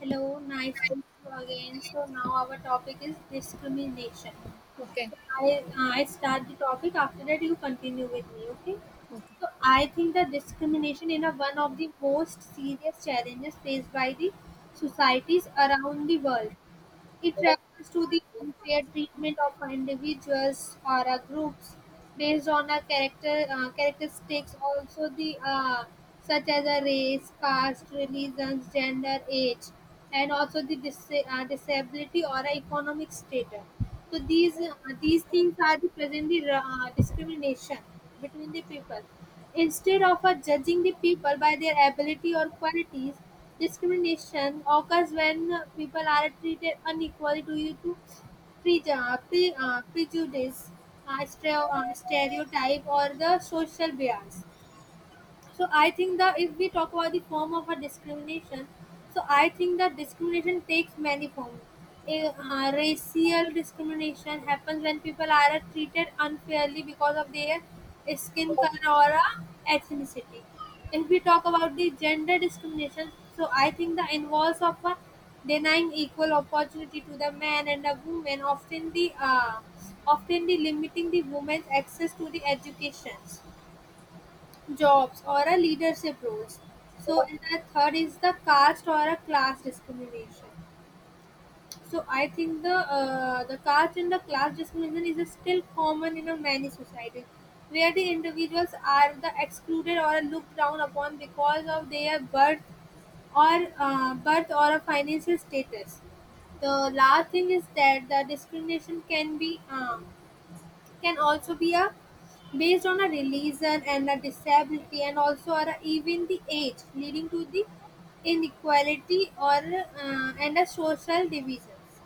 Hello, nice to meet you again. So now our topic is discrimination. Okay. So I start the topic. After that, you continue with me. Okay. Okay. So I think that discrimination is one of the most serious challenges faced by the societies around the world. It refers to the unfair treatment of individuals or groups based on a characteristics, also the such as a race, caste, religions, gender, age, and also the disability or a economic status. So these things are the present the discrimination between the people. Instead of judging the people by their ability or qualities, discrimination occurs when people are treated unequally due to prejudice, stereotype, or the social bias. So I think that if we talk about the form of a discrimination, so I think that discrimination takes many forms. Racial discrimination happens when people are treated unfairly because of their skin color or ethnicity. If we talk about the gender discrimination, so I think that involves of a denying equal opportunity to the man and the woman, often the limiting the woman's access to the educations jobs, or a leadership roles. So, and the third is the caste or a class discrimination. So, I think the caste and the class discrimination is still common in a many societies, where the individuals are the excluded or looked down upon because of their birth or birth or a financial status. The last thing is that the discrimination can be armed, can also be a based on a religion and a disability and also or even the age leading to the inequality or and a social divisions.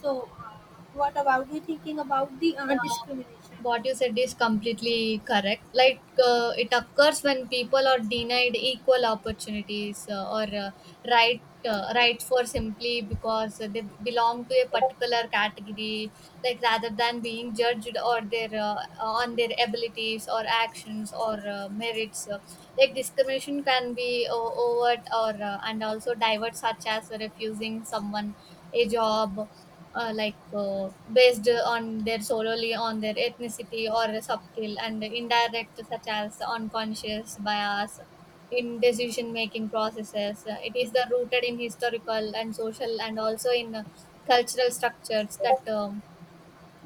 So what about you thinking about the Yeah, discrimination? what you said is completely correct. Like it occurs when people are denied equal opportunities or right right for simply because they belong to a particular category, like rather than being judged or their on their abilities or actions or merits. Like discrimination can be o- overt or and also divert, such as refusing someone a job based on their solely on their ethnicity or subtle and indirect such as unconscious bias in decision making processes. It is the rooted in historical and social and also in cultural structures that um,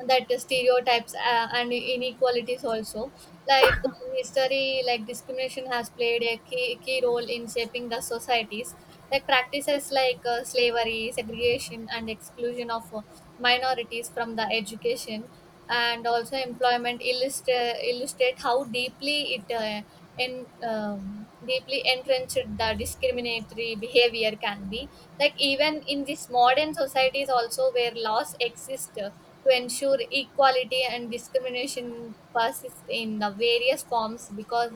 that stereotypes and inequalities also, like history. Like discrimination has played a key role in shaping the societies, like practices like slavery, segregation and exclusion of minorities from the education and also employment. Illustrate how deeply it in deeply entrenched the discriminatory behavior can be, like even in this modern societies also, where laws exist to ensure equality, and discrimination persists in the various forms because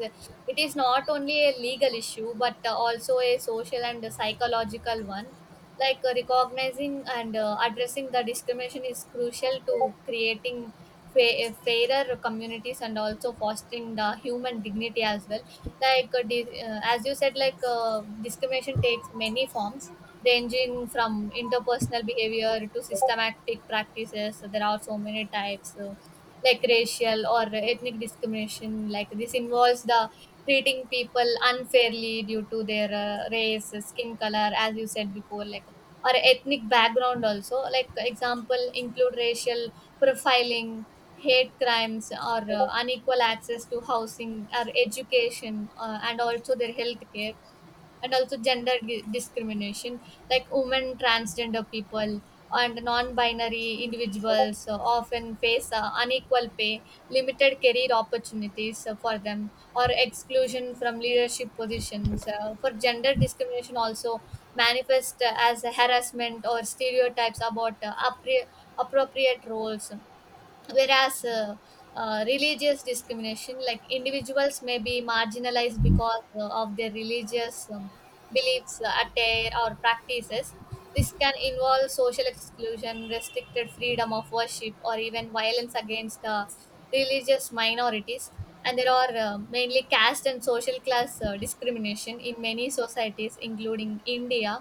it is not only a legal issue but also a social and a psychological one. Like recognizing and addressing the discrimination is crucial to creating fairer communities and also fostering the human dignity as well. Like as you said, like discrimination takes many forms ranging from interpersonal behavior to systematic practices, so there are so many types. So like racial or ethnic discrimination, like this involves the treating people unfairly due to their race, skin color, as you said before, like or ethnic background also, like example include racial profiling, hate crimes or unequal access to housing or education and also their health care. And also gender discrimination, like women, transgender people and non-binary individuals often face unequal pay, limited career opportunities for them, or exclusion from leadership positions for gender discrimination. Also manifest as harassment or stereotypes about appropriate roles. Whereas religious discrimination, like individuals may be marginalized because of their religious beliefs, attire or practices. This can involve social exclusion, restricted freedom of worship or even violence against religious minorities. And there are mainly caste and social class discrimination in many societies including India.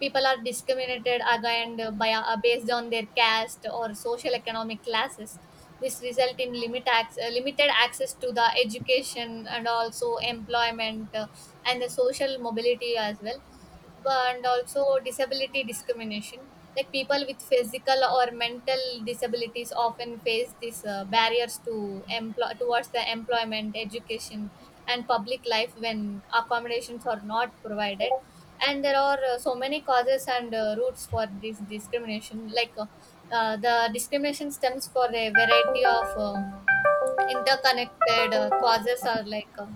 People are discriminated against by based on their caste or social economic classes. This result in limited access to the education and also employment, and the social mobility as well. And also disability discrimination, like people with physical or mental disabilities often face these barriers to employ towards the employment, education and public life when accommodations are not provided. And there are so many causes and roots for this discrimination. The discrimination stems for a variety of interconnected causes are like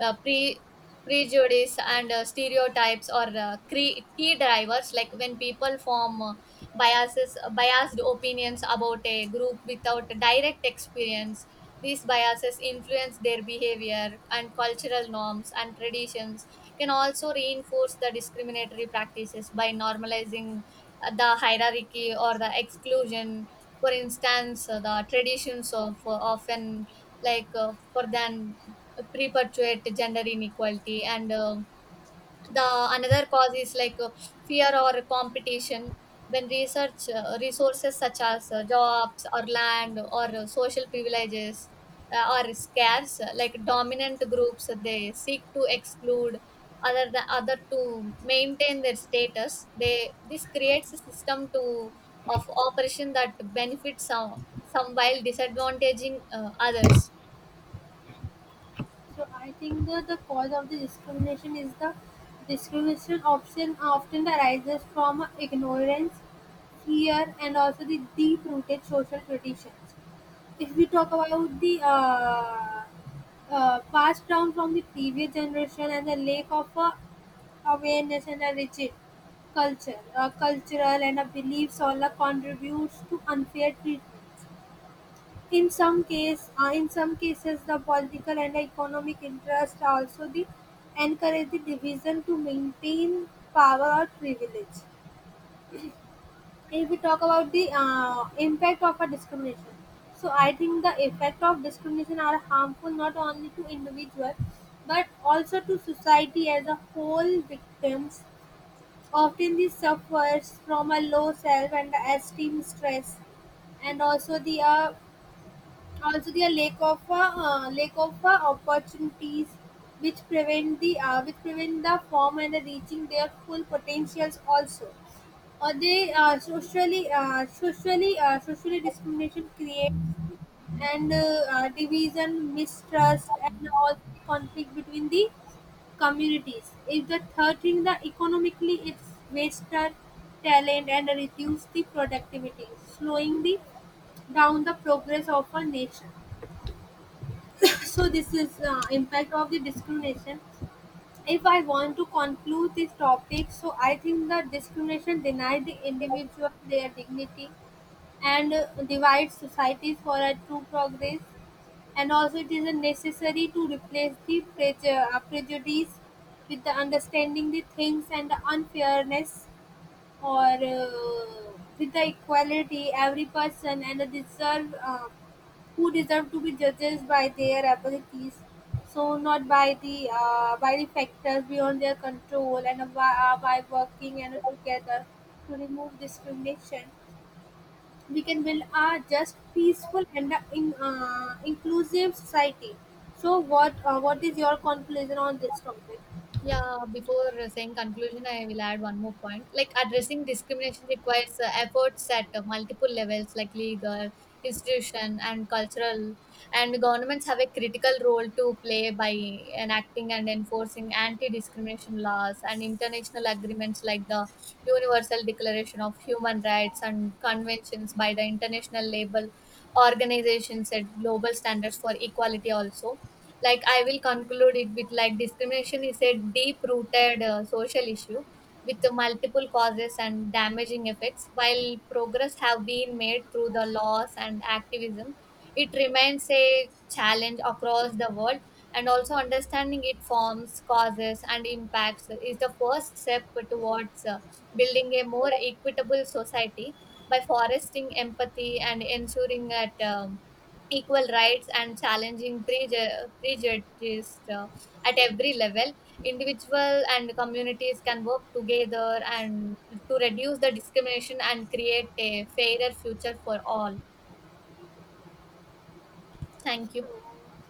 uh, pre prejudice and stereotypes or key drivers, like when people form biases biased opinions about a group without direct experience. These biases influence their behavior, and cultural norms and traditions can also reinforce the discriminatory practices by normalizing the hierarchy or the exclusion. For instance, the traditions of often, like for then perpetuate gender inequality. And uh, the another cause is like fear or competition. When research resources such as jobs or land or social privileges are scarce, like dominant groups they seek to exclude other the other to maintain their status. They this creates a system to of operation that benefits some, while disadvantaging others. So I think that the cause of the discrimination is the discrimination option often arises from ignorance, fear and also the deep-rooted social traditions. If we talk about the passed down from the previous generation and the lack of awareness and a rigid culture, a cultural and a beliefs all are contributes to unfair treatment. In some cases, the political and economic interests are also the encourage the division to maintain power or privilege. If we talk about the impact of a discrimination, so I think the effect of discrimination are harmful not only to individual but also to society as a whole. Victims often they suffers from a low self and esteem stress and also the also there are lack of lack of a opportunities which prevent the form and the reaching their full potentials also, or they socially discrimination creates and division, mistrust and all conflict between the communities. If the third thing the economically it's wasted talent and reduce the productivity, slowing the down the progress of a nation. So this is impact of the discrimination. If I want to conclude this topic, so I think that discrimination denies the individual their dignity and divides societies for a true progress, and also it is a necessary to replace the prejudice with the understanding the things and the unfairness or with the equality every person and the deserve who deserve to be judged by their abilities, so not by the by the factors beyond their control, and by working and together to remove discrimination, we can build a just, peaceful, and inclusive society. So, what is your conclusion on this topic? Yeah, before saying conclusion, I will add one more point. Like addressing discrimination requires efforts at multiple levels, like legal, institution, and cultural. And governments have a critical role to play by enacting and enforcing anti-discrimination laws and international agreements like the Universal Declaration of Human Rights and conventions by the International Labor Organization set global standards for equality also. Like I will conclude it with, like discrimination is a deep rooted social issue with the multiple causes and damaging effects. While progress have been made through the laws and activism, it remains a challenge across the world. And also understanding its forms, causes and impacts is the first step towards building a more equitable society by fostering empathy and ensuring that equal rights and challenging prejudice at every level, individual and communities can work together and to reduce the discrimination and create a fairer future for all. Thank you. So,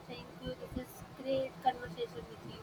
thank you. This is great conversation with you.